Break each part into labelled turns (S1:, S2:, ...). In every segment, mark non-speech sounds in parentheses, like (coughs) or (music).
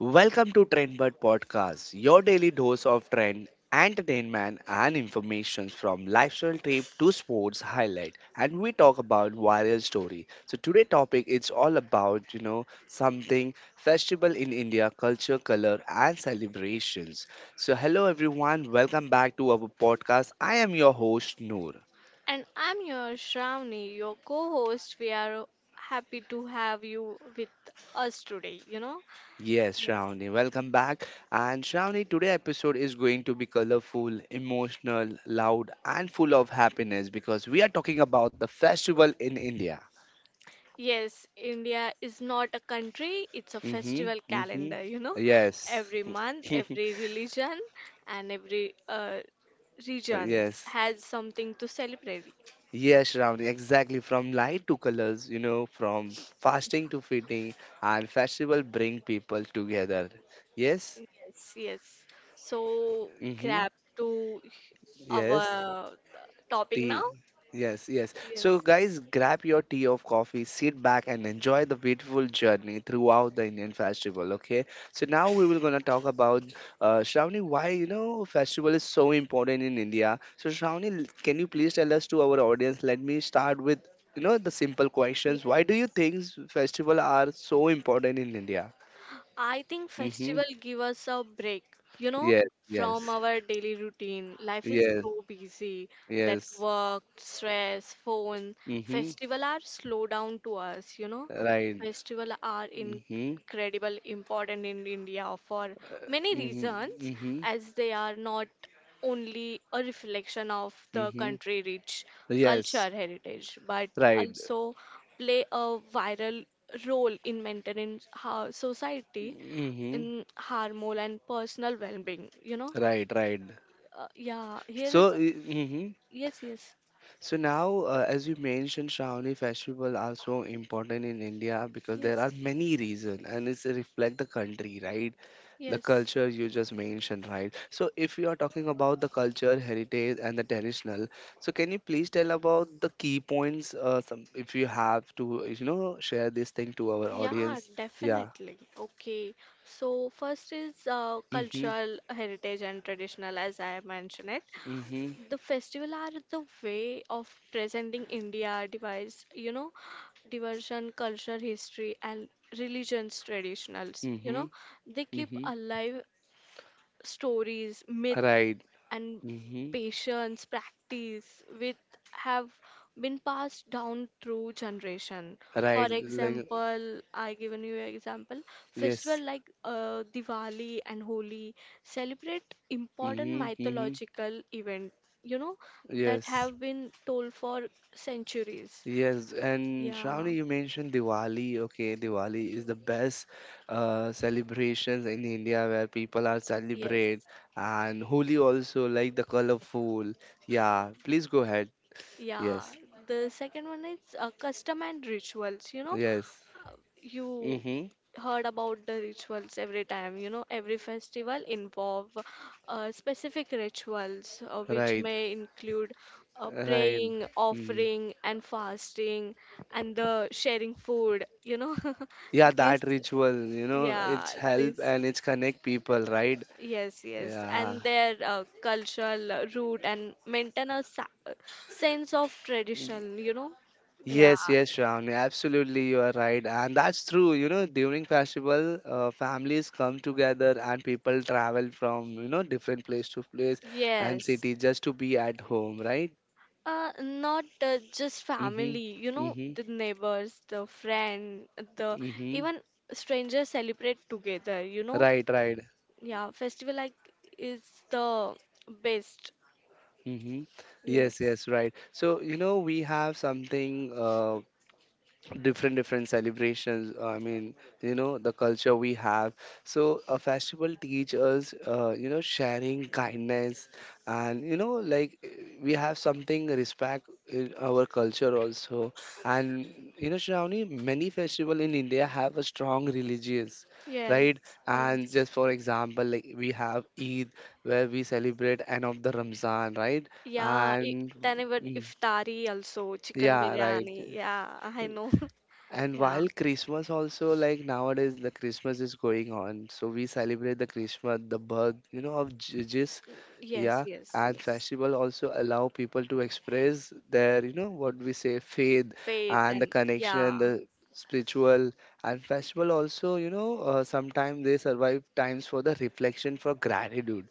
S1: Welcome to Trendbird Podcast, your daily dose of trend, entertainment, and information from lifestyle trip to sports highlight. And we talk about viral story. So today topic it's all about something festival in India, culture, color, and celebrations. So hello everyone, welcome back to our podcast. I am your host Noor.
S2: And I'm your Shravani, your co host. We are happy to have you with us today.
S1: Yes,
S2: Yes.
S1: Shravani, welcome back. And Shravani, today episode is going to be colorful, emotional, loud, and full of happiness because we are talking about the festival in India.
S2: Yes, India is not a country, it's a
S1: Mhm,
S2: festival
S1: mhm.
S2: calendar,
S1: Yes.
S2: Every month, every
S1: (laughs)
S2: religion, and every region
S1: Yes.
S2: has something to celebrate.
S1: Yes, Shravani, exactly. From light to colors, from fasting to feeding, and festival bring people together. Yes.
S2: Yes, yes. So,
S1: Mm-hmm.
S2: grab to
S1: Yes.
S2: our topic
S1: Tea.
S2: now.
S1: Yes, yes. So,
S2: Yes.
S1: guys, grab your tea or coffee, sit back, and enjoy the beautiful journey throughout the Indian festival. Okay. So now we will gonna talk about Shravani, why festival is so important in India. So, Shravani, can you please tell us to our audience? Let me start with the simple questions. Why do you think festival are so important in India?
S2: I think
S1: Mm-hmm.
S2: festival give us a break, you know,
S1: Yes,
S2: from
S1: yes,
S2: our daily routine. Life is
S1: yes,
S2: so busy that
S1: yes.
S2: work, stress, phone,
S1: Mm-hmm.
S2: festival are slow down to us.
S1: Right.
S2: Festival are in
S1: Mm-hmm.
S2: incredible important in India for many
S1: Mm-hmm.
S2: reasons,
S1: Mm-hmm.
S2: as they are not only a reflection of the
S1: Mm-hmm.
S2: country rich
S1: Yes,
S2: culture heritage, but
S1: right.
S2: also play a viral role in maintaining our society
S1: Mm-hmm.
S2: in harmony and personal well-being.
S1: Right, right.
S2: Yeah. Here is
S1: So,
S2: a
S1: mm-hmm.
S2: Yes, yes,
S1: So now, as you mentioned, Shravani, festival are so important in India because there are
S2: yes,
S1: many reasons, and it's reflect the country, right? The
S2: yes.
S1: culture you just mentioned, right? So, if you are talking about the culture, heritage, and the traditional, so can you please tell about the key points? Some, if you have to, you know, share this thing to our
S2: Yeah,
S1: audience. Yeah.
S2: definitely. Okay. So first is
S1: Mm-hmm.
S2: cultural heritage and traditional, as I mentioned it.
S1: Mm-hmm.
S2: The festival are the way of presenting India device, diversion, culture, history, and religions traditionals.
S1: Mm-hmm.
S2: They keep
S1: Mm-hmm.
S2: alive stories, myths,
S1: Right.
S2: and
S1: Mm-hmm.
S2: patience practice which have been passed down through generation. For
S1: Right. Like
S2: example, I given you an example, festival
S1: yes.
S2: like Diwali and Holi celebrate important
S1: Mm-hmm. Mm-hmm.
S2: mythological event, you know that
S1: Yes.
S2: have been told for centuries.
S1: Yes. And
S2: Yeah.
S1: Shravani, you mentioned Diwali. Okay, Diwali is the best celebrations in India where people are
S2: Yes.
S1: celebrate, and Holi also like the colorful. Yeah. Please go ahead.
S2: Yeah,
S1: Yes.
S2: the second one is custom and rituals.
S1: Yes.
S2: You
S1: Mm-hmm.
S2: heard about the rituals every time. Every festival involve specific rituals, which
S1: Right.
S2: may include
S1: Right.
S2: praying,
S1: Mm.
S2: offering, and fasting, and the sharing food.
S1: Yeah,
S2: (laughs)
S1: that
S2: This,
S1: ritual, you know,
S2: yeah,
S1: it's help
S2: this.
S1: and it's connect people, right?
S2: Yes, yes,
S1: Yeah.
S2: and their cultural root and maintain a sense of tradition, you know? Yeah,
S1: Yes, yes, Shravani, absolutely, you are right, and that's true. You know, during festival, families come together and people travel from different place to place and
S2: yes.
S1: city just to be at home, right?
S2: Not just
S1: Mhm,
S2: family,
S1: mhm,
S2: the neighbors, the friend, the
S1: mhm.
S2: even strangers celebrate together, you know?
S1: Right, right.
S2: Yeah, festival like is the best.
S1: Mhm. Yes,
S2: Yes,
S1: yes, right. So you know, we have something different celebrations I mean the culture we have, so a festival teaches you know, sharing kindness, and you know like we have something respect in our culture also, and you know, Shravani, many festival in India have a strong religious,
S2: yes,
S1: right? And
S2: yes.
S1: just for example, like we have Eid, where we celebrate end of the Ramzan, right?
S2: Yeah, I
S1: And
S2: then even
S1: mm,
S2: iftari also, chicken
S1: yeah, right.
S2: biryani. Yeah, I know. (laughs)
S1: And
S2: Yeah.
S1: while Christmas also, like nowadays the Christmas is going on, so we celebrate the Christmas, the birth, you know, of Jesus,
S2: Yes,
S1: yeah,
S2: yes,
S1: and
S2: yes.
S1: festival also allow people to express their, you know, what we say faith
S2: Faith
S1: and the
S2: and yeah,
S1: connection, the spiritual. And festival also, you know, sometimes they survive times for the reflection for gratitude,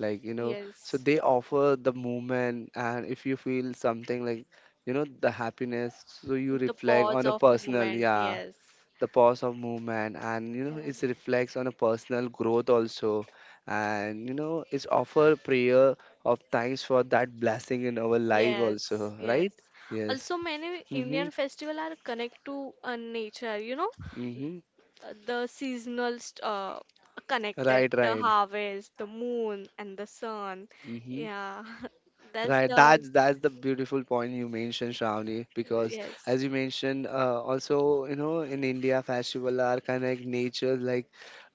S1: like you know, so
S2: yes.
S1: they offer the movement, and if you feel something like, you know, the happiness, so you
S2: The
S1: reflect
S2: pause
S1: on a
S2: of
S1: personal,
S2: moment.
S1: yeah,
S2: Yes.
S1: the pause of movement, and you know
S2: Yeah.
S1: it reflects on a personal growth also, and you know it's offer prayer of thanks for that blessing in our life also,
S2: Yes, yes.
S1: right? Yes.
S2: Also, many
S1: Mm-hmm.
S2: Indian festival are connect to nature.
S1: Mm-hmm.
S2: The seasonal connected
S1: Right,
S2: the
S1: right.
S2: harvest, the moon, and the sun.
S1: Mm-hmm.
S2: Yeah. (laughs) that's
S1: Right,
S2: the
S1: that's the beautiful point you mentioned, Shravani, because
S2: Yes,
S1: as you mentioned, also you know, in India, festival are kind of like nature. Like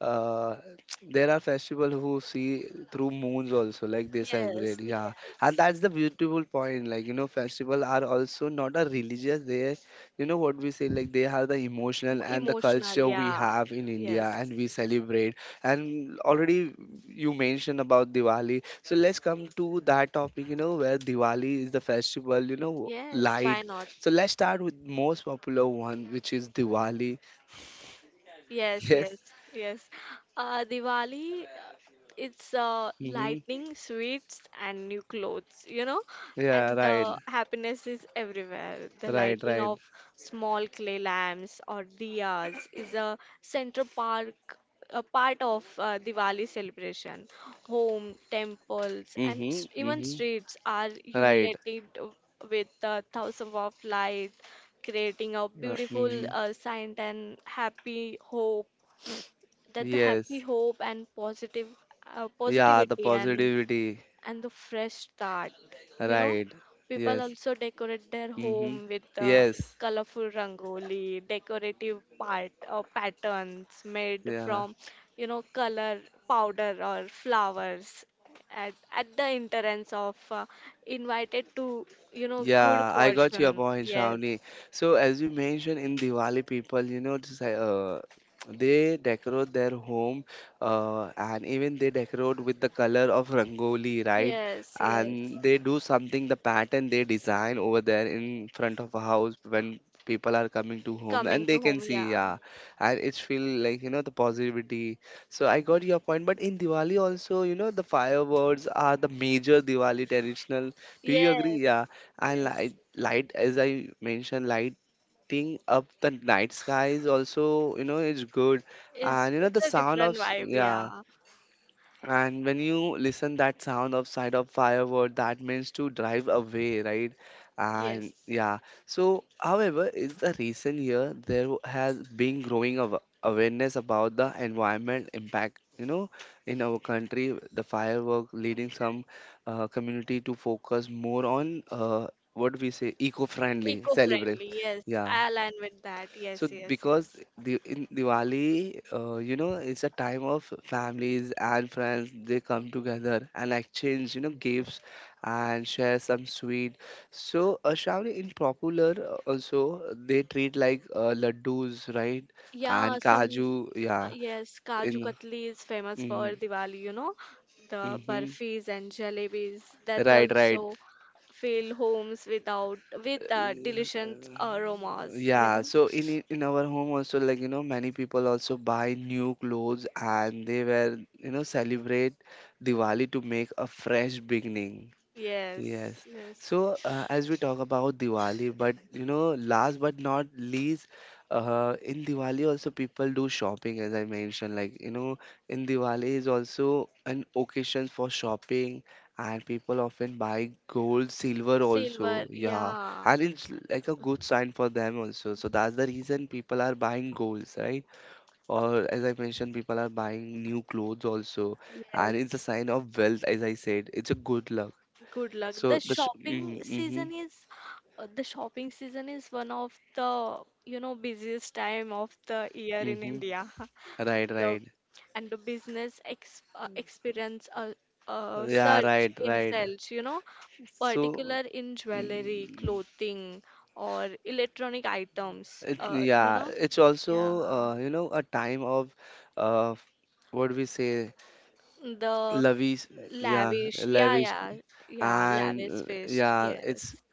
S1: uh, (tsk) there are festival who see through moons also, like they celebrate.
S2: yes,
S1: Yeah, and
S2: yes.
S1: that's the beautiful point. Like you know, festival are also not a religious. They, you know what we say, like they have the emotional and the
S2: Emotional,
S1: culture we
S2: yeah.
S1: have in
S2: Yes,
S1: India, and we celebrate. And already you mentioned about Diwali. So let's come to that topic, you know, where Diwali is the festival, you know,
S2: yes.
S1: light.
S2: Why not?
S1: So let's start with most popular one, which is Diwali. (laughs)
S2: Yes, yes,
S1: Yes.
S2: yes. Diwali, it's
S1: Mm-hmm.
S2: lightning, sweets, and new clothes.
S1: Yeah,
S2: And
S1: right.
S2: the happiness is everywhere. The
S1: Right,
S2: lighting
S1: right.
S2: of small clay lamps or diyas is a central park, a part of Diwali celebration. Home, temples, and
S1: Mm-hmm.
S2: even
S1: Mm-hmm.
S2: streets are
S1: Right.
S2: illuminated with thousands of lights, creating a beautiful
S1: Mm-hmm.
S2: sight and happy hope that the happy
S1: Yes.
S2: hope and positive Yeah,
S1: Yeah, the
S2: positivity and
S1: positivity.
S2: the fresh start, you know
S1: Right.
S2: people
S1: Yes.
S2: also decorate their
S1: Mm-hmm.
S2: home with
S1: Yes.
S2: colorful rangoli decorative part patterns made
S1: Yeah.
S2: from, color powder or flowers at, the entrance of invited to, yeah, good, yeah,
S1: Yeah, I got your
S2: fortune.
S1: point,
S2: Yes,
S1: Shravani. So, as you mentioned in Diwali, people, you know, just, they decorate their home, and even they decorate with the color of rangoli, right?
S2: yes, yes.
S1: And they do something, the pattern they design over there in front of a house when people are coming to home,
S2: Coming
S1: and they
S2: to
S1: can
S2: home,
S1: see,
S2: yeah.
S1: yeah, and it's feel like, you know, the positivity. So I got your point, but in Diwali also, you know, the fireworks are the major Diwali traditional. Do you agree?
S2: Yes,
S1: Yeah, and
S2: yes.
S1: light as I mentioned, lighting up the night sky is also, you know, it's good.
S2: It's
S1: And you know
S2: it's
S1: the
S2: a
S1: sound of
S2: different vibe, yeah.
S1: yeah, and when you listen that sound of side of firework, that means to drive away, right? And
S2: Yes.
S1: yeah. So, however, in the recent year, there has been growing awareness about the environment impact. You know, in our country, the firework leading some community to focus more on what we say eco-friendly celebrate.
S2: Eco-friendly, yes.
S1: Yeah.
S2: I align with that.
S1: So
S2: Yes, yes,
S1: because
S2: yes.
S1: the in Diwali, you know, it's a time of families and friends. They come together and exchange, you know, gifts and share some sweet. So Shravani, in popular also they treat like laddus, right? And
S2: Yeah, some
S1: kaju, yeah.
S2: yes,
S1: In
S2: Kaju Katli is famous
S1: mm-hmm.
S2: for Diwali. The
S1: Mm-hmm.
S2: barfi's and jalebis. That's
S1: Right, right.
S2: also fill homes without with delicious aromas, you
S1: Yeah,
S2: know.
S1: so in in our home also, like you know, many people also buy new clothes and they were, you know, celebrate Diwali to make a fresh beginning.
S2: Yes,
S1: Yes.
S2: yes.
S1: So, as we talk about Diwali, but you know, last but not least, in Diwali also people do shopping, as I mentioned. Like, you know, in Diwali is also an occasion for shopping, and people often buy gold, silver also.
S2: Silver,
S1: Yeah.
S2: yeah.
S1: And it's like a good sign for them also. So, that's the reason people are buying golds, right? Or, as I mentioned, people are buying new clothes also.
S2: Yes,
S1: And it's a sign of wealth, as I said. It's a good luck.
S2: good luck. The
S1: So that's
S2: shopping
S1: mm, mm-hmm,
S2: season is the shopping season is one of the busiest time of the year in
S1: mm-hmm.
S2: India.
S1: Right,
S2: (laughs) The
S1: right.
S2: And the business ex experience a
S1: Yeah,
S2: surge
S1: right,
S2: in
S1: right.
S2: sales,
S1: So
S2: particular in jewelry,
S1: mm,
S2: clothing, or electronic items.
S1: it, yeah, it's
S2: Yeah,
S1: also you know, a time of uh, what do we say
S2: the
S1: lavish, yeah,
S2: lavish, yeah,
S1: lavish.
S2: yeah, yeah,
S1: And
S2: lavish feast,
S1: yeah, it's
S2: yes.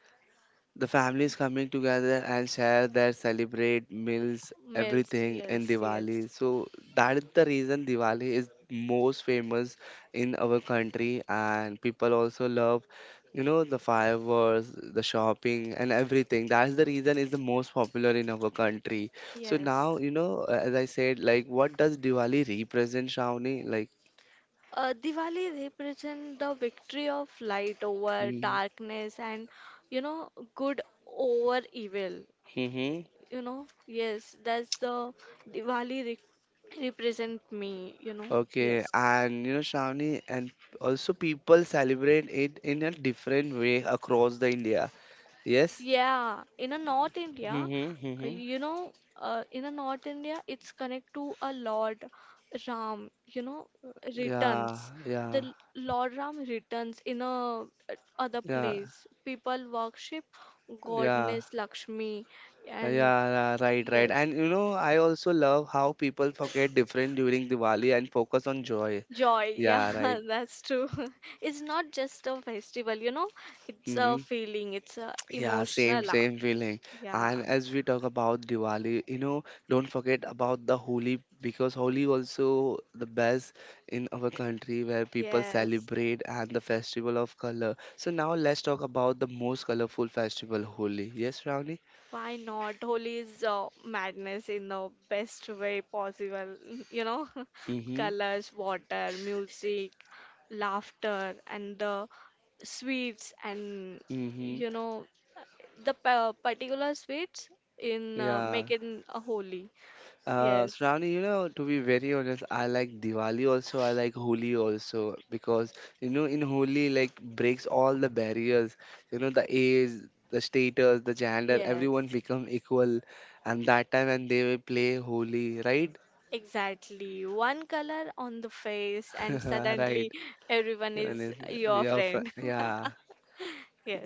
S1: the families coming together and share their celebrate meals,
S2: Mills,
S1: everything in
S2: yes,
S1: Diwali.
S2: yes,
S1: So that is the reason Diwali is most famous in our country, and people also love, you know, the fireworks, the shopping, and everything. That's the reason is the most popular in our country. So now,
S2: yes.
S1: you know, as I said, like what does Diwali represent, Shawnee? Like,
S2: Diwali represents the victory of light over darkness and good over evil.
S1: mm-hmm.
S2: Yes, that's the Diwali re represent me,
S1: Okay,
S2: Yes.
S1: and you know, Shravani, and also people celebrate it in a different way across the India. Yes?
S2: Yeah, in a North India,
S1: Mm-hmm,
S2: uh,
S1: mm-hmm.
S2: you know, in a North India, it's connect to a Lord Ram,
S1: Yeah,
S2: returns. The
S1: yeah,
S2: Lord Ram returns in a other
S1: yeah,
S2: place. People worship
S1: yeah,
S2: Goddess Lakshmi, and
S1: yeah, right, right.
S2: yes,
S1: And you know, I also love how people forget different during Diwali and focus on joy.
S2: joy. Yeah,
S1: Yeah, right.
S2: (laughs) that's true. (laughs) It's not just a festival, it's a
S1: Mm-hmm.
S2: feeling, it's a
S1: Yeah, same,
S2: emotional.
S1: same feeling.
S2: Yeah,
S1: And as we talk about Diwali, you know, don't forget about the Holi because Holi also the best in our country where people
S2: yes.
S1: celebrate and the festival of color. So now let's talk about the most colorful festival, Holi. Yes, Ravni?
S2: Why not? Holi is madness in the best way possible. (laughs) You know, (laughs)
S1: Mm-hmm.
S2: colors, water, music, laughter, and the sweets, and
S1: Mm-hmm.
S2: you know, the particular sweets in
S1: Yeah.
S2: making a holy. Yes,
S1: Shravani, you know, to be very honest, I like Diwali also. I like Holi also because you know, in Holi, like breaks all the barriers. You know, the age, the status, the gender, everyone
S2: yes.
S1: become equal, and that time and they will play Holi, right?
S2: Exactly. One color on the face, and
S1: (laughs) Right.
S2: suddenly everyone is
S1: Honest,
S2: your
S1: yeah,
S2: friend. (laughs)
S1: yeah.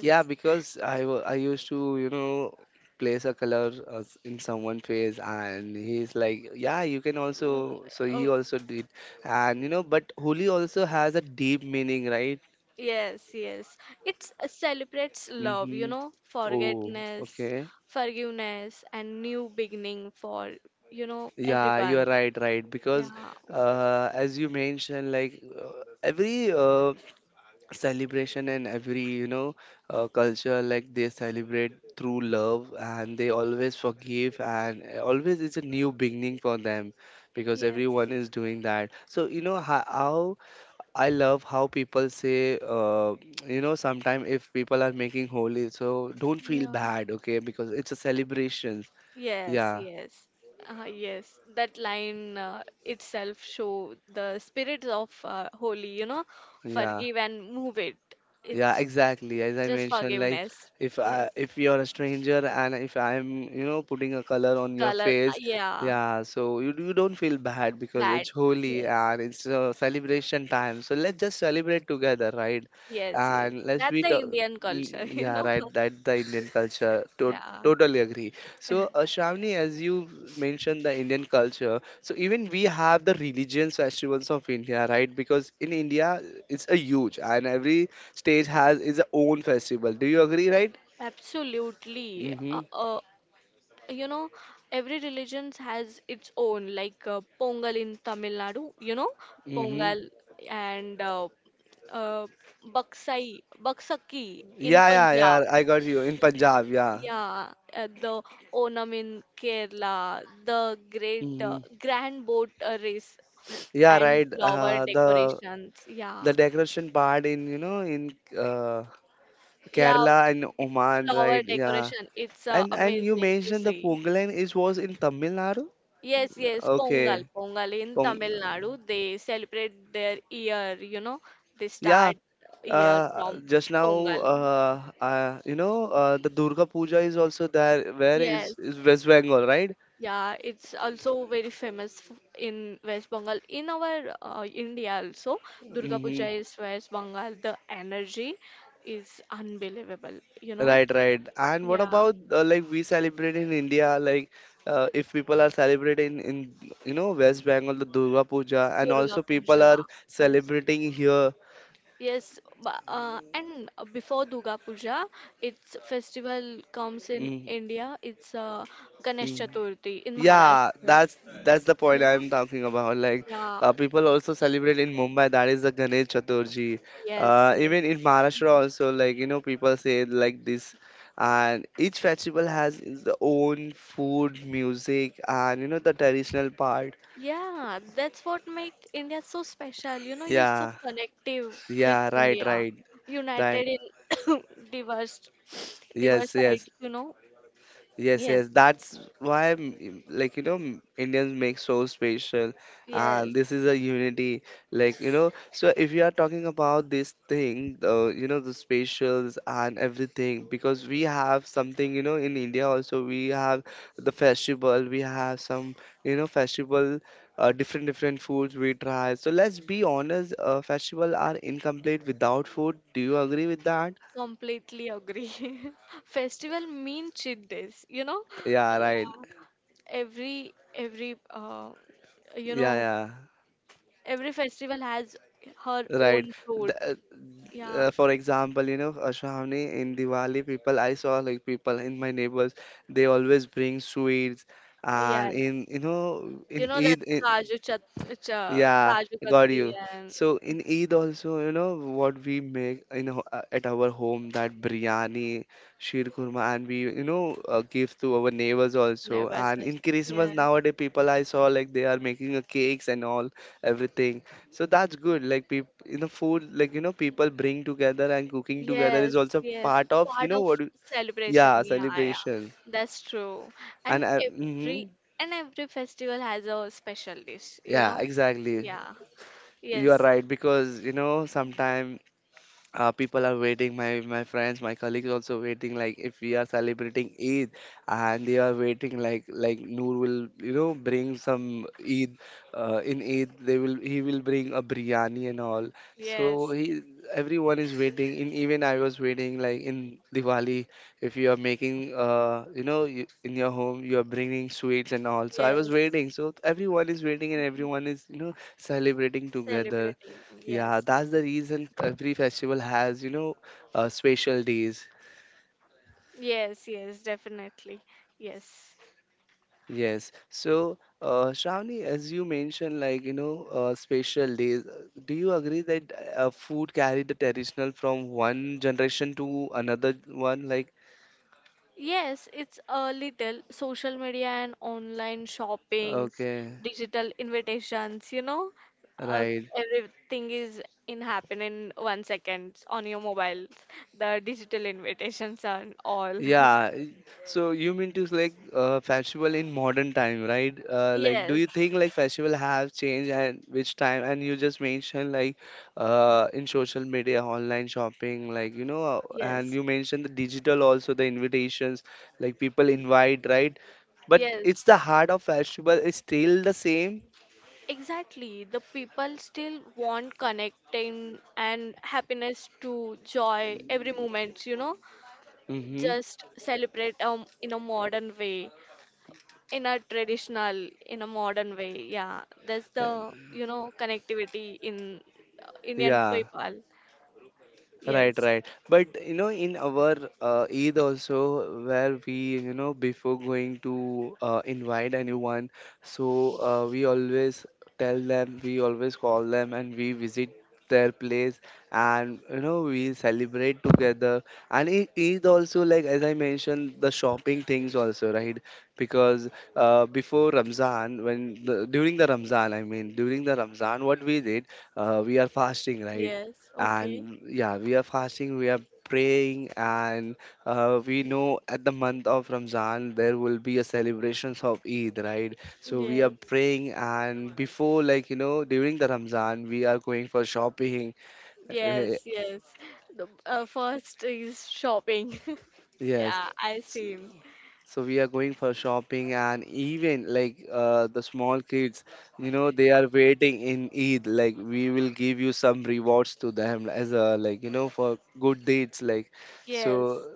S1: Yeah, because I I used to, you know, place a color in someone's face, and he's like, yeah, you can
S2: Mm,
S1: also. So he
S2: oh,
S1: also did, and you know, but Holi also has a deep meaning, right?
S2: yes, yes. It celebrates love,
S1: Mm-hmm. Oh,
S2: forgetness,
S1: okay.
S2: forgiveness, and new beginning for,
S1: Yeah, you're
S2: everyone.
S1: right, right. Because
S2: Yeah.
S1: as you mentioned, like every celebration in every you know culture, like they celebrate through love and they always forgive and always it's a new beginning for them because
S2: Yes.
S1: everyone is doing that. So you know, how I love how people say you know, sometimes if people are making holy, so don't feel
S2: Yeah.
S1: bad, okay, because it's a celebration.
S2: Yes,
S1: Yeah,
S2: yes. Yes, that line itself show the spirit of Holi,
S1: yeah.
S2: forgive and move it.
S1: Yeah,
S2: It's
S1: exactly. As I
S2: just
S1: mentioned, like
S2: forgiveness.
S1: if
S2: Yes.
S1: I, if you're a stranger and if I'm, you know, putting a color on your
S2: Color,
S1: face,
S2: yeah.
S1: yeah, so you don't feel bad because
S2: Bad.
S1: it's holy
S2: Yes,
S1: and it's a celebration time. So let's just celebrate together, right?
S2: yes, yes.
S1: And let's
S2: That's
S1: be,
S2: the Indian culture, (laughs)
S1: mm,
S2: you
S1: yeah,
S2: know.
S1: right. That's the Indian culture.
S2: Yeah.
S1: Totally agree. So, Shravani, as you mentioned the Indian culture, so even we have the religions festivals of India, right? Because in India, it's a huge and every stage has its own festival. Do you agree, right?
S2: Absolutely.
S1: Mm-hmm.
S2: You know every religion has its own, like Pongal in Tamil Nadu, you know
S1: Mm-hmm.
S2: Pongal, and uh, Baksai Baksaki in
S1: Yeah, yeah, yeah.
S2: Punjab,
S1: I got you in Punjab. Yeah,
S2: yeah. The Onam in Kerala, the great
S1: mm-hmm,
S2: grand boat race, (sniffs)
S1: yeah,
S2: and
S1: right.
S2: flower
S1: The
S2: decorations. Yeah,
S1: decoration part in you know in uh,
S2: yeah,
S1: Kerala and Oman,
S2: flower
S1: right? Yeah,
S2: decoration, it's
S1: and you
S2: amazing to
S1: mentioned the
S2: see.
S1: Pongal and it was in Tamil Nadu.
S2: Yes, yes, Pongal,
S1: Okay,
S2: Pongal in
S1: Pong.
S2: Tamil Nadu, they celebrate their year, they
S1: Yeah.
S2: start year from
S1: Just now,
S2: Pongal.
S1: you know, the Durga Puja is also there. Where is
S2: Yes,
S1: is West Bengal, right?
S2: yeah, it's also very famous in West Bengal. In our India also, Durga
S1: Mm-hmm.
S2: Puja is West Bengal. The energy is unbelievable, you know.
S1: Right, right. And what
S2: Yeah,
S1: about, like, we celebrate in India? Like, if people are celebrating in, you know, West Bengal, the Durga Puja, and
S2: Durga
S1: also people
S2: Puja,
S1: are
S2: yes.
S1: celebrating here.
S2: Yes, bu- and before Durga Puja, its festival comes in
S1: Mm,
S2: India. It's Ganesh
S1: mm.
S2: Chaturthi in
S1: Yeah,
S2: Maharashtra.
S1: that's the point
S2: You know?
S1: I'm talking about. Like,
S2: Yeah.
S1: people also celebrate in Mumbai. That is the Ganesh Chaturthi.
S2: Yes, yes.
S1: Even in Maharashtra also, like, you know, people say it like this. And each festival has its own food, music, and, you know, the traditional part.
S2: Yeah, that's what makes India so special. You know, you're so
S1: Yeah,
S2: connective with
S1: yeah, right,
S2: India,
S1: right, right.
S2: united in (coughs) diverse, diverse
S1: Yes, yes.
S2: side, you know?
S1: Yes,
S2: Yes,
S1: yes, that's why, like, you know, Indians make so special, and
S2: yes.
S1: this is a unity. Like, you know, so if you are talking about this thing, you know, the specials and everything, because we have something, you know, in India also, we have the festival, we have some, you know, festival, different, different foods we try. So let's be honest, festival are incomplete without food. Do you agree with that?
S2: Completely agree. (laughs) Festival mean cheat days, you know?
S1: Yeah,
S2: Yeah.
S1: right.
S2: Every you
S1: Yeah,
S2: know
S1: yeah.
S2: every festival has her
S1: Right.
S2: own food,
S1: The, uh,
S2: yeah.
S1: for example, you know, Shravani, in Diwali, people I saw like people in my neighbors, they always bring sweets, and
S2: Yes,
S1: in, you know, in
S2: that
S1: Eid, in,
S2: Kaju chat cha,
S1: yeah,
S2: Kaju
S1: got
S2: Katli,
S1: you.
S2: and
S1: So in Eid also, you know what we make in at our home, that biryani, sheer kurma, and we, you know, give to our neighbors also.
S2: neighbors,
S1: And in Christmas
S2: yes,
S1: nowadays, people I saw like they are making a cakes and all everything. So that's good. Like people, you know, food like, you know, people bring together and cooking together
S2: yes,
S1: is also
S2: yes.
S1: part of, you
S2: Part
S1: know,
S2: of
S1: what?
S2: celebration,
S1: Yeah,
S2: yeah, yeah,
S1: celebration.
S2: that's true.
S1: And,
S2: And
S1: mhm.
S2: every festival has a special dish, you
S1: Yeah,
S2: know.
S1: exactly.
S2: Yeah,
S1: You are
S2: yes,
S1: right because you know sometimes, people are waiting, my friends, my colleagues also waiting, like if we are celebrating Eid, and they are waiting, like Noor will, you know, bring some Eid. In Eid they will, he will bring a biryani and all, so
S2: yes, yes.
S1: he everyone is waiting in, even I was waiting like in Diwali. If you are making, you know, you, in your home you are bringing sweets and all, so I was
S2: Yes.
S1: waiting. So everyone is waiting and everyone is, you know, celebrating together.
S2: Celebrating.
S1: Yeah,
S2: Yes, yes.
S1: that's the reason every festival has, you know, special days.
S2: Yes, yes, definitely. Yes.
S1: Yes. So, Shravani, as you mentioned, like, you know, special days, do you agree that food carried the traditional from one generation to another one? Like,
S2: Yes, it's a little social media and online shoppings,
S1: okay,
S2: digital invitations, uh,
S1: right.
S2: everything is in happen in 1 second on your mobile. The digital invitations and all. (laughs)
S1: Yeah, so you mean to like festival in modern time, right? Like, do
S2: Yes,
S1: you think like festival have changed and which time? And you just mentioned, like, in social media, online shopping, like, you know, and
S2: yes,
S1: you mentioned the digital also, the invitations, like people invite, right? But
S2: yes.
S1: it's the heart of festival is still the same.
S2: Exactly, the people still want connecting and happiness to joy every moment,
S1: Mm-hmm.
S2: just celebrate in a modern way, in a modern way. Yeah, that's
S1: Eh,
S2: the, connectivity in Indian
S1: yeah.
S2: people.
S1: Right,
S2: Yes.
S1: right. But you know, in our, Eid also, where we, you know, before going to invite anyone, so, we always tell them, we always call them, and we visit their place, and, you know, we celebrate together. And it Eid also, like as I mentioned, the shopping things also, right? Because, before Ramzan, when the, during the Ramzan, I mean, during the Ramzan, what we did, we are fasting, right?
S2: Yes, okay.
S1: And yeah, we are fasting, we are praying, and, we know at the month of Ramzan there will be a celebrations of Eid, right? So we are
S2: Yes,
S1: praying, and before, like, you know, during the Ramzan, we are going for shopping. Eh,
S2: yes, yes. The first is shopping. (laughs)
S1: yes.
S2: Yeah, I seen.
S1: So we are going for shopping, and even like, the small kids, you know, they are waiting in Eid, like we will give you some rewards to them as a, like, you know, for good deeds like. So
S2: Yes.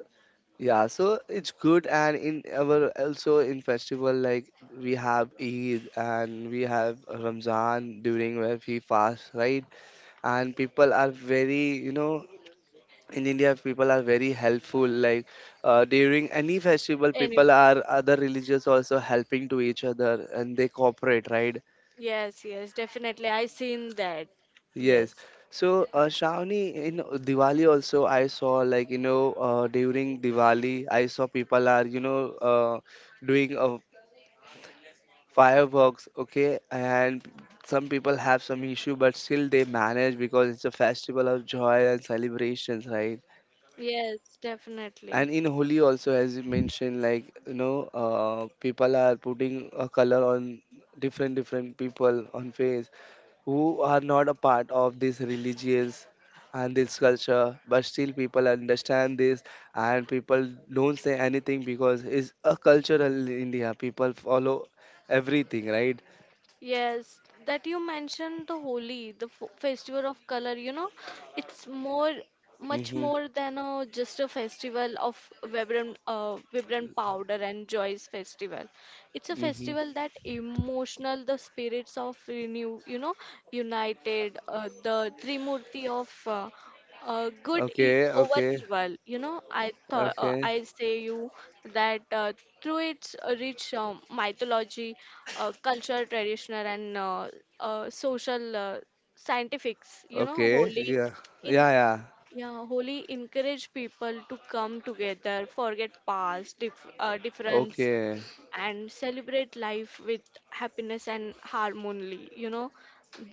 S1: yeah, so it's good, and in our also in festival like, we have Eid and we have Ramzan, during where we fast, right? And people are very, you know, in India people are very helpful. Like, during any festival,
S2: Any
S1: people are other religious also helping to each other, and they cooperate, right?
S2: yes, yes, definitely. I seen that.
S1: Yes.
S2: Yes.
S1: So, Shravani, in Diwali also, I saw like, you know, during Diwali, I saw people are, you know, doing a fireworks, okay, and some people have some issue but still they manage because it's a festival of joy and celebrations, right?
S2: Yes, definitely.
S1: And in Holi also, as you mentioned, like, you know, people are putting a color on different, different people on face, who are not a part of this religious and this culture, but still people understand this, and people don't say anything because it's a cultural India people follow everything, right?
S2: Yes, that you mentioned the Holi, the f festival of color, it's more, much
S1: Hmm.
S2: more than a, just a festival of vibrant, vibrant powder and joyous festival. It's a
S1: Mm-hmm.
S2: festival that emotional the spirits of renew, united, the Trimurti of good
S1: Okay,
S2: over
S1: okay,
S2: evil. You know, I thought
S1: okay,
S2: I say you that through its rich mythology, cultural traditional, and social scientifics,
S1: okay.
S2: holy
S1: Yeah,
S2: in.
S1: yeah, yeah.
S2: Yeah, Holi encourage people to come together, forget past difference,
S1: Okay.
S2: and celebrate life with happiness and harmony.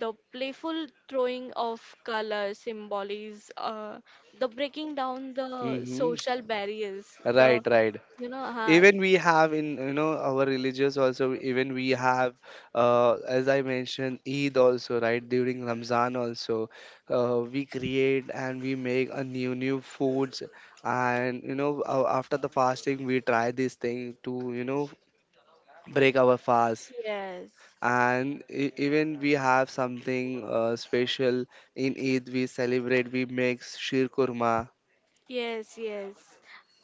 S2: The playful throwing of color symbols, the breaking down the
S1: Mm-hmm.
S2: social barriers,
S1: Right, right.
S2: you know, uh,
S1: Even we have in, you know, our religious also. Even we have, as I mentioned, Eid also, right? During Ramzan also, we create and we make a new new foods, and, you know, after the fasting, we try this thing to, you know, break our fast,
S2: yes,
S1: and even we have something, special in Eid. We celebrate. We make sheer kurma.
S2: yes, yes.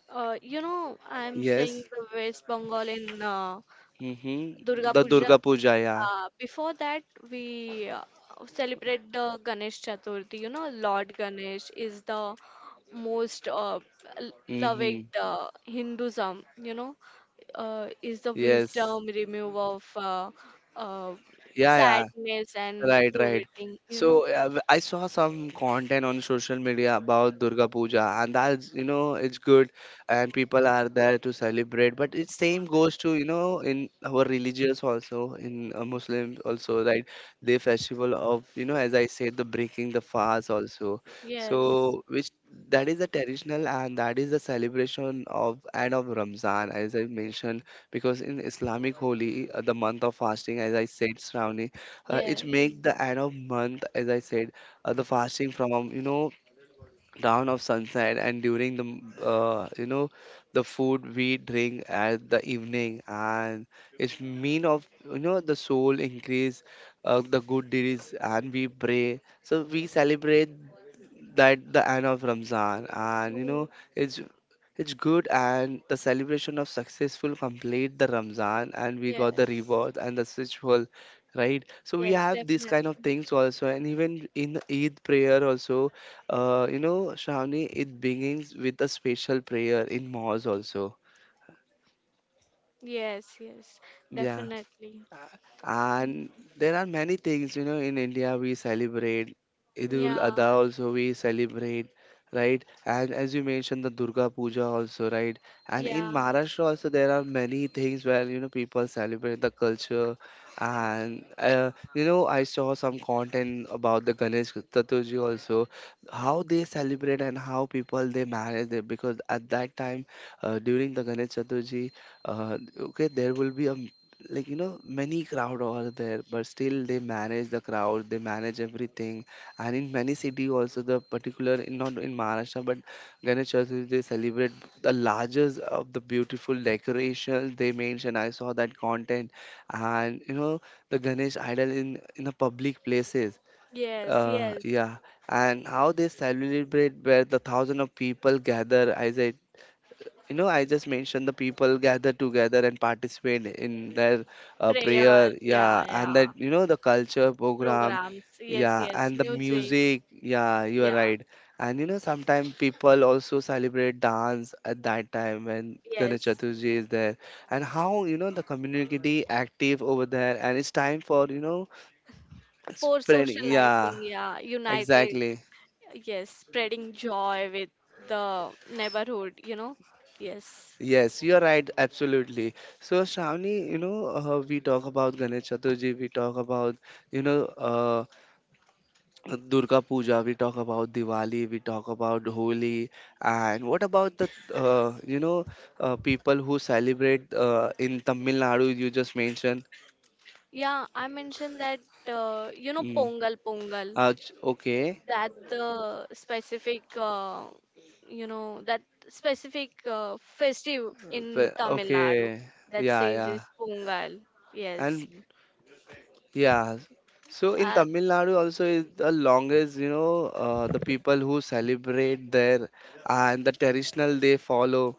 S2: I'm saying
S1: Yes.
S2: the West Bengal in
S1: Mm-hmm.
S2: Durga
S1: The
S2: Puja.
S1: Durga Puja. Yeah.
S2: Before that, we celebrate the Ganesh Chaturthi. You know, Lord Ganesh is the most loving
S1: Mm-hmm.
S2: Hinduism. Is the yes,
S1: Yes.
S2: wisdom remove of uh, yeah,
S1: Yeah, yeah.
S2: sadness and right, right,
S1: Right, right.
S2: providing. You so know,
S1: So, I saw some content on social media about Durga Puja, and that's, you know, it's good, and people are there to celebrate. But it same goes to, you know, in our religious also, in, Muslim also, right? The festival of, you know, as I said, the breaking the fast also.
S2: yes,
S1: So which,
S2: so
S1: that is the traditional and that is the celebration of and of Ramzan, as I mentioned, because in Islamic holy, the month of fasting, as I said, Shravani,
S2: yes,
S1: it make the end of month, as I said, the fasting from, you know, dawn of sunset, and during the you know, the food we drink at the evening, and it's mean of, you know, the soul increase, the good deeds and we pray, so we celebrate that the end of Ramzan, and you know,
S2: mm,
S1: it's it's good, and the celebration of successful complete the Ramzan, and we
S2: yes,
S1: got the reward and the ritual, right? So we
S2: yes,
S1: have these kind of
S2: definitely.
S1: things also, and even in Eid prayer also, you know, Shravani, it begins with a special prayer in mosque also.
S2: Yes, yes,
S1: Yeah.
S2: definitely.
S1: And there are many things, you know, in India we celebrate. Idul
S2: Yeah,
S1: Adha also we celebrate, right? And as you mentioned, the Durga Puja also, right? And in
S2: yeah.
S1: Maharashtra also there are many things where, you know, people celebrate the culture. And, you know, I saw some content about the Ganesh Chaturthi also, how they celebrate and how people they manage it. Because at that time, during the Ganesh Chaturthi, okay, there will be a, like, you know, many crowd over there, but still they manage the crowd, they manage everything. And in many city also, the particular in, not in Maharashtra but Ganesh Chaturthi, they celebrate the largest of the beautiful decorations, they mention, I saw that content. And, you know, the Ganesh idol in the public places.
S2: Yes, yes.
S1: Yeah, and how they celebrate, where the thousand of people gather, I said, you know, I just mentioned, the people gather together and participate in their,
S2: Prayer,
S1: prayer.
S2: yeah,
S1: Yeah, and
S2: yeah.
S1: that, you know, the culture program.
S2: Programs, yes,
S1: Yeah,
S2: yes.
S1: and the
S2: Music,
S1: music. Yeah, you are
S2: yeah.
S1: right. And, you know, sometimes people also celebrate dance at that time when Ganesh
S2: Yes.
S1: Chaturthi is there. And how, you know, the community active over there, and it's time for, you know,
S2: For
S1: spreading. Yeah,
S2: socializing, yeah. United,
S1: exactly.
S2: yes, spreading joy with the neighborhood, you know. Yes.
S1: Yes, you are right, absolutely. So, Shravani, you know, we talk about Ganesh Chaturthi, we talk about, you know, Durga Puja, we talk about Diwali, we talk about Holi, and what about the, you know, people who celebrate in Tamil Nadu, you just mentioned?
S2: Yeah, I mentioned that,
S1: Mm.
S2: Pongal, Pongal,
S1: Okay.
S2: that the specific, you know, that specific festive in Tamil Nadu,
S1: Okay,
S2: that
S1: yeah,
S2: says
S1: yeah.
S2: is Pongal. Yes.
S1: And yeah. So in
S2: Uh,
S1: Tamil Nadu also is the longest, you know, the people who celebrate there, and the traditional they follow.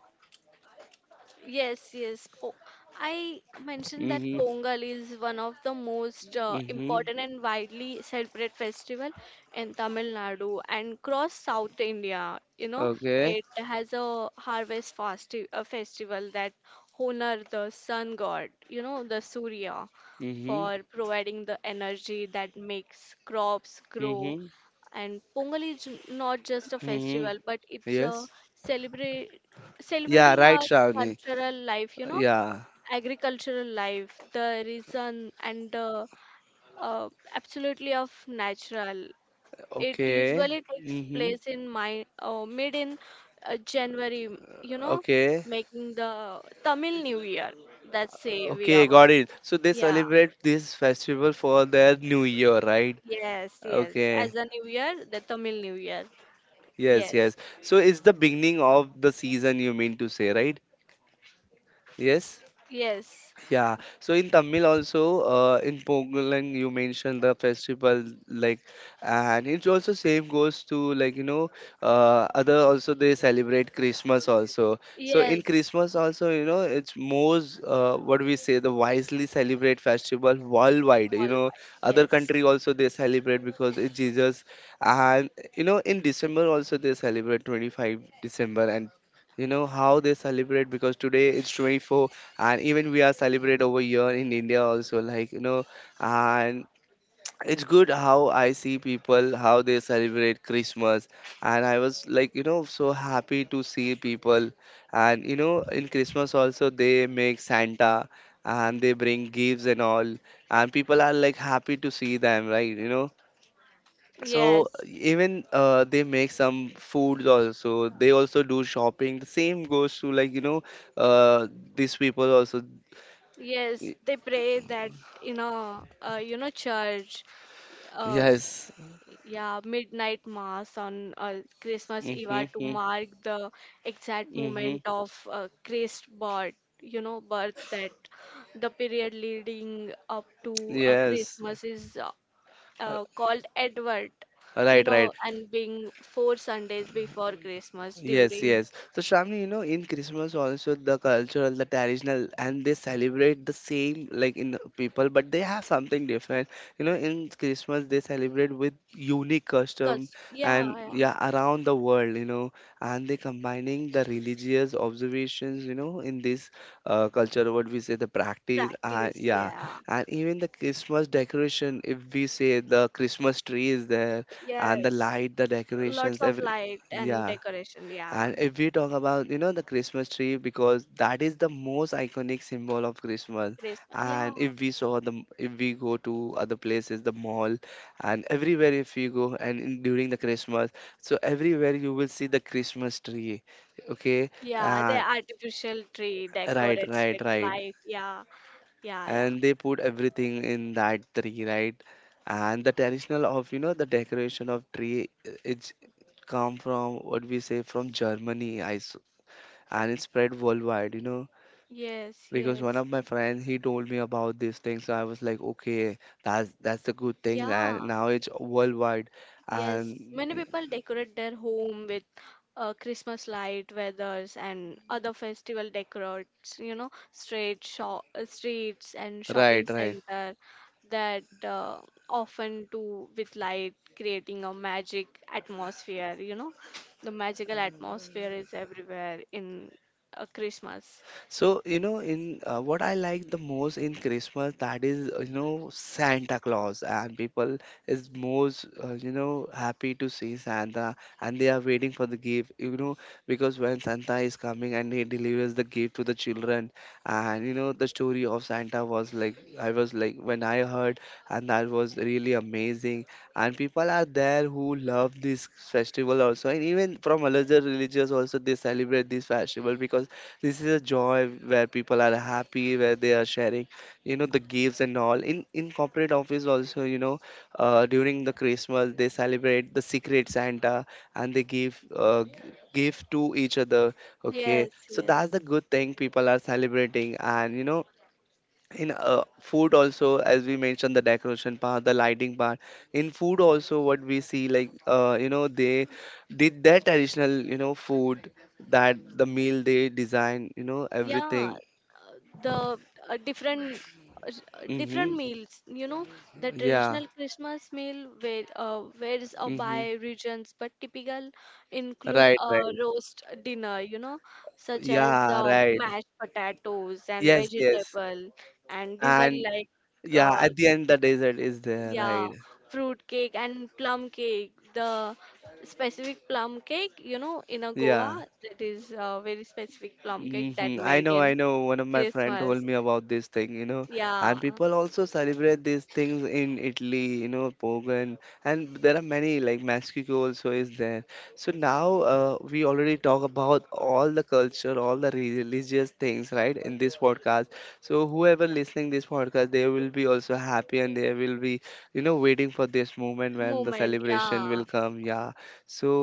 S2: yes, yes. I mentioned that
S1: Mm-hmm.
S2: Pongal is one of the most
S1: Mm-hmm.
S2: important and widely celebrated festival in Tamil Nadu and across South India.
S1: Okay.
S2: It has a festival that honor the sun god, the Surya,
S1: Mm-hmm.
S2: for providing the energy that makes crops grow.
S1: Mm-hmm.
S2: And Pongal is not just a
S1: Mm-hmm.
S2: festival, but it's a
S1: Yes.
S2: celebration, yeah,
S1: Yeah,
S2: celebrating
S1: right,
S2: our
S1: Shravani.
S2: cultural life,
S1: Yeah.
S2: agricultural life, the reason and the uh, absolutely of natural. It
S1: Okay.
S2: usually takes
S1: Mm-hmm.
S2: place in my mid in January,
S1: Okay.
S2: making the Tamil new year, that's say we are,
S1: Okay, got it. So they
S2: yeah.
S1: celebrate this festival for their new year, right?
S2: Yes, yes,
S1: Okay.
S2: as a new year, the Tamil new year.
S1: Yes,
S2: Yes.
S1: yes. So it's the beginning of the season, you mean to say, right? Yes.
S2: Yes, yes,
S1: Yeah, so in Tamil also, in Pongalang you mentioned the festival like, and it's also same goes to like, you know, other also they celebrate Christmas also. So
S2: yes.
S1: in Christmas also, you know, it's most, what we say, the wisely celebrate festival worldwide. You know, other
S2: Yes,
S1: country also they celebrate because it's Jesus, and you know in December also they celebrate 25 December and. You know how they celebrate, because today it's 24 and even we are celebrate over here in India also, like you know, and it's good how I see people how they celebrate Christmas, and I was like, you know, so happy to see people. And you know, in Christmas also they make Santa and they bring gifts and all, and people are like happy to see them, right, you know. So
S2: yes,
S1: even they make some foods also, they also do shopping, the same goes to like you know, uh, these people also.
S2: yes.
S1: Y-
S2: They pray that, church, uh,
S1: Yes.
S2: yeah, midnight mass on Christmas Eve, are to
S1: Mm-hmm.
S2: mark the exact
S1: Mm-hmm.
S2: moment of Christ birth. You know, birth that the period leading up to
S1: Yes.
S2: Christmas is
S1: Uh,
S2: called Advent.
S1: Right, right.
S2: And being four Sundays before Christmas
S1: Yes,
S2: during.
S1: yes. So Shravani, you know, in Christmas also, the cultural, the traditional, and they celebrate the same like in people, but they have something different. You know, in Christmas they celebrate with unique custom,
S2: Cause yeah,
S1: and
S2: yeah.
S1: yeah, around the world, you know, and they combining the religious observations, you know, in this culture, what we say, the practice, and
S2: Practice,
S1: yeah,
S2: yeah.
S1: and even the Christmas decoration. If we say, the Christmas tree is there and the
S2: Yes.
S1: light, the
S2: Lots
S1: decorations,
S2: of
S1: every
S2: light and
S1: yeah.
S2: decoration, yeah.
S1: And if we talk about, you know, the Christmas tree, because that is the most iconic symbol of Christmas.
S2: Christmas, yeah.
S1: And if we saw the, if we go to other places, the mall, and everywhere if you go, and in, during the Christmas, so everywhere you will see the Christmas tree. Okay,
S2: Yeah, the
S1: uh,
S2: artificial tree
S1: right,
S2: decorates
S1: right,
S2: with
S1: right.
S2: light. Yeah, yeah,
S1: And
S2: yeah.
S1: they put everything in that tree, right, and the traditional of, you know, the decoration of tree, it's come from what we say, from Germany, and it spread worldwide, you know.
S2: Yes,
S1: Because
S2: yes.
S1: one of my friends he told me about this thing, so I was like, okay, that's the good thing, and
S2: Yeah,
S1: now it's worldwide,
S2: yes,
S1: and
S2: many people decorate their home with Christmas light, feathers, and other festival decorates. You know, streets and right, shopping
S1: right, right.
S2: center that often do with light, creating a magic atmosphere. You know, the magical atmosphere is everywhere in Christmas.
S1: So, you know, in what I like the most in Christmas, that is, you know, Santa Claus, and people is most, you know, happy to see Santa, and they are waiting for the gift, you know, because when Santa is coming and he delivers the gift to the children, and you know, the story of Santa was like, I was like, when I heard, and that was really amazing, and people are there who love this festival also, and even from other religious also they celebrate this festival because this is a joy where people are happy, where they are sharing, you know, the gifts and all. In corporate office also, you know, during the Christmas they celebrate the secret Santa, and they give gift to each other. Okay,
S2: Yes,
S1: so that's
S2: yes.
S1: the good thing, people are celebrating, and you know, in food also, as we mentioned, the decoration part, the lighting part, in food also, what we see, like you know, they did their traditional, you know, food, that the meal they design, you know,
S2: Yeah,
S1: everything.
S2: the different
S1: Mm-hmm.
S2: meals, you know, the
S1: Yeah.
S2: traditional Christmas meal where varies
S1: Mm-hmm.
S2: by regions, but typical include
S1: Right,
S2: a
S1: right.
S2: roast dinner, such, yeah, as
S1: Yeah,
S2: right,
S1: right.
S2: mashed potatoes and yes, yes,
S1: Yes, yes.
S2: vegetable, and these are
S1: And
S2: like, yeah,
S1: yeah, at the end the dessert is there,
S2: yeah,
S1: right.
S2: fruit cake and plum cake. The specific plum cake, in a
S1: Yeah,
S2: Goa, that
S1: place.
S2: is a very specific plum cake that
S1: Hmm, I
S2: made
S1: know,
S2: in
S1: I know. One of my friend, why, told
S2: Christmas.
S1: me about this thing, you know.
S2: Yeah,
S1: And people also celebrate these things in Italy, you know, Pogan, and there are many, like Mexico also is there. So now we already talk about all the culture, all the religious things, right, in this podcast. So whoever listening this podcast, they will be also happy and they will be, you know, waiting for this moment when the
S2: moment, yeah,
S1: celebration will come. Yeah. So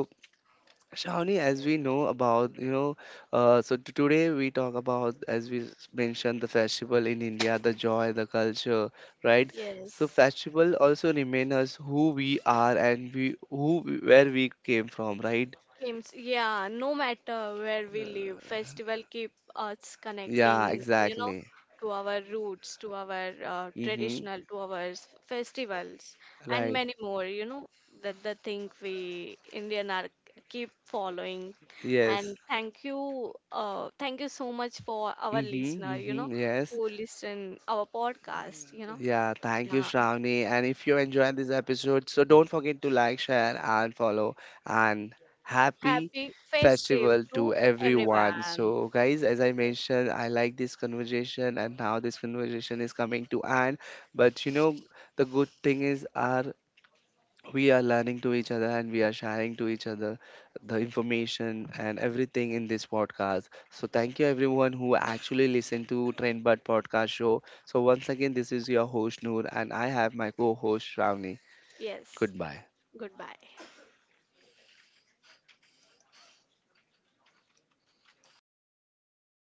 S1: Shawnee, as we know about, you know, so today we talk about, as we mentioned, the festival in India, the joy, the culture, right? So
S2: yes.
S1: festival also remain us who we are and we where we came from, right?
S2: Games, yeah, no matter where we live, festival keep us
S1: Yeah,
S2: connecting,
S1: exactly.
S2: to our roots, to our
S1: Mm-hmm.
S2: traditional, to our festivals, and
S1: Right.
S2: many more, that the thing we Indian are keep following.
S1: Yes.
S2: And thank you so much for our
S1: Mm-hmm.
S2: listener,
S1: Mm-hmm. Yes.
S2: who listen our podcast, you know.
S1: Yeah, thank you,
S2: Yeah,
S1: Shravani. And if you enjoyed this episode, so don't forget to like, share, and follow. And happy
S2: happy festive
S1: festival to
S2: to
S1: everyone.
S2: everyone.
S1: So, guys, as I
S2: Yes.
S1: mentioned, I like this conversation, and now this conversation is coming to end. But you know, the good thing is our we are learning to each other and we are sharing to each other the information and everything in this podcast. So thank you everyone who actually listened to Trendbud podcast show. So once again, this is your host Noor, and I have my co-host Shravani.
S2: Yes.
S1: Goodbye.
S2: Goodbye.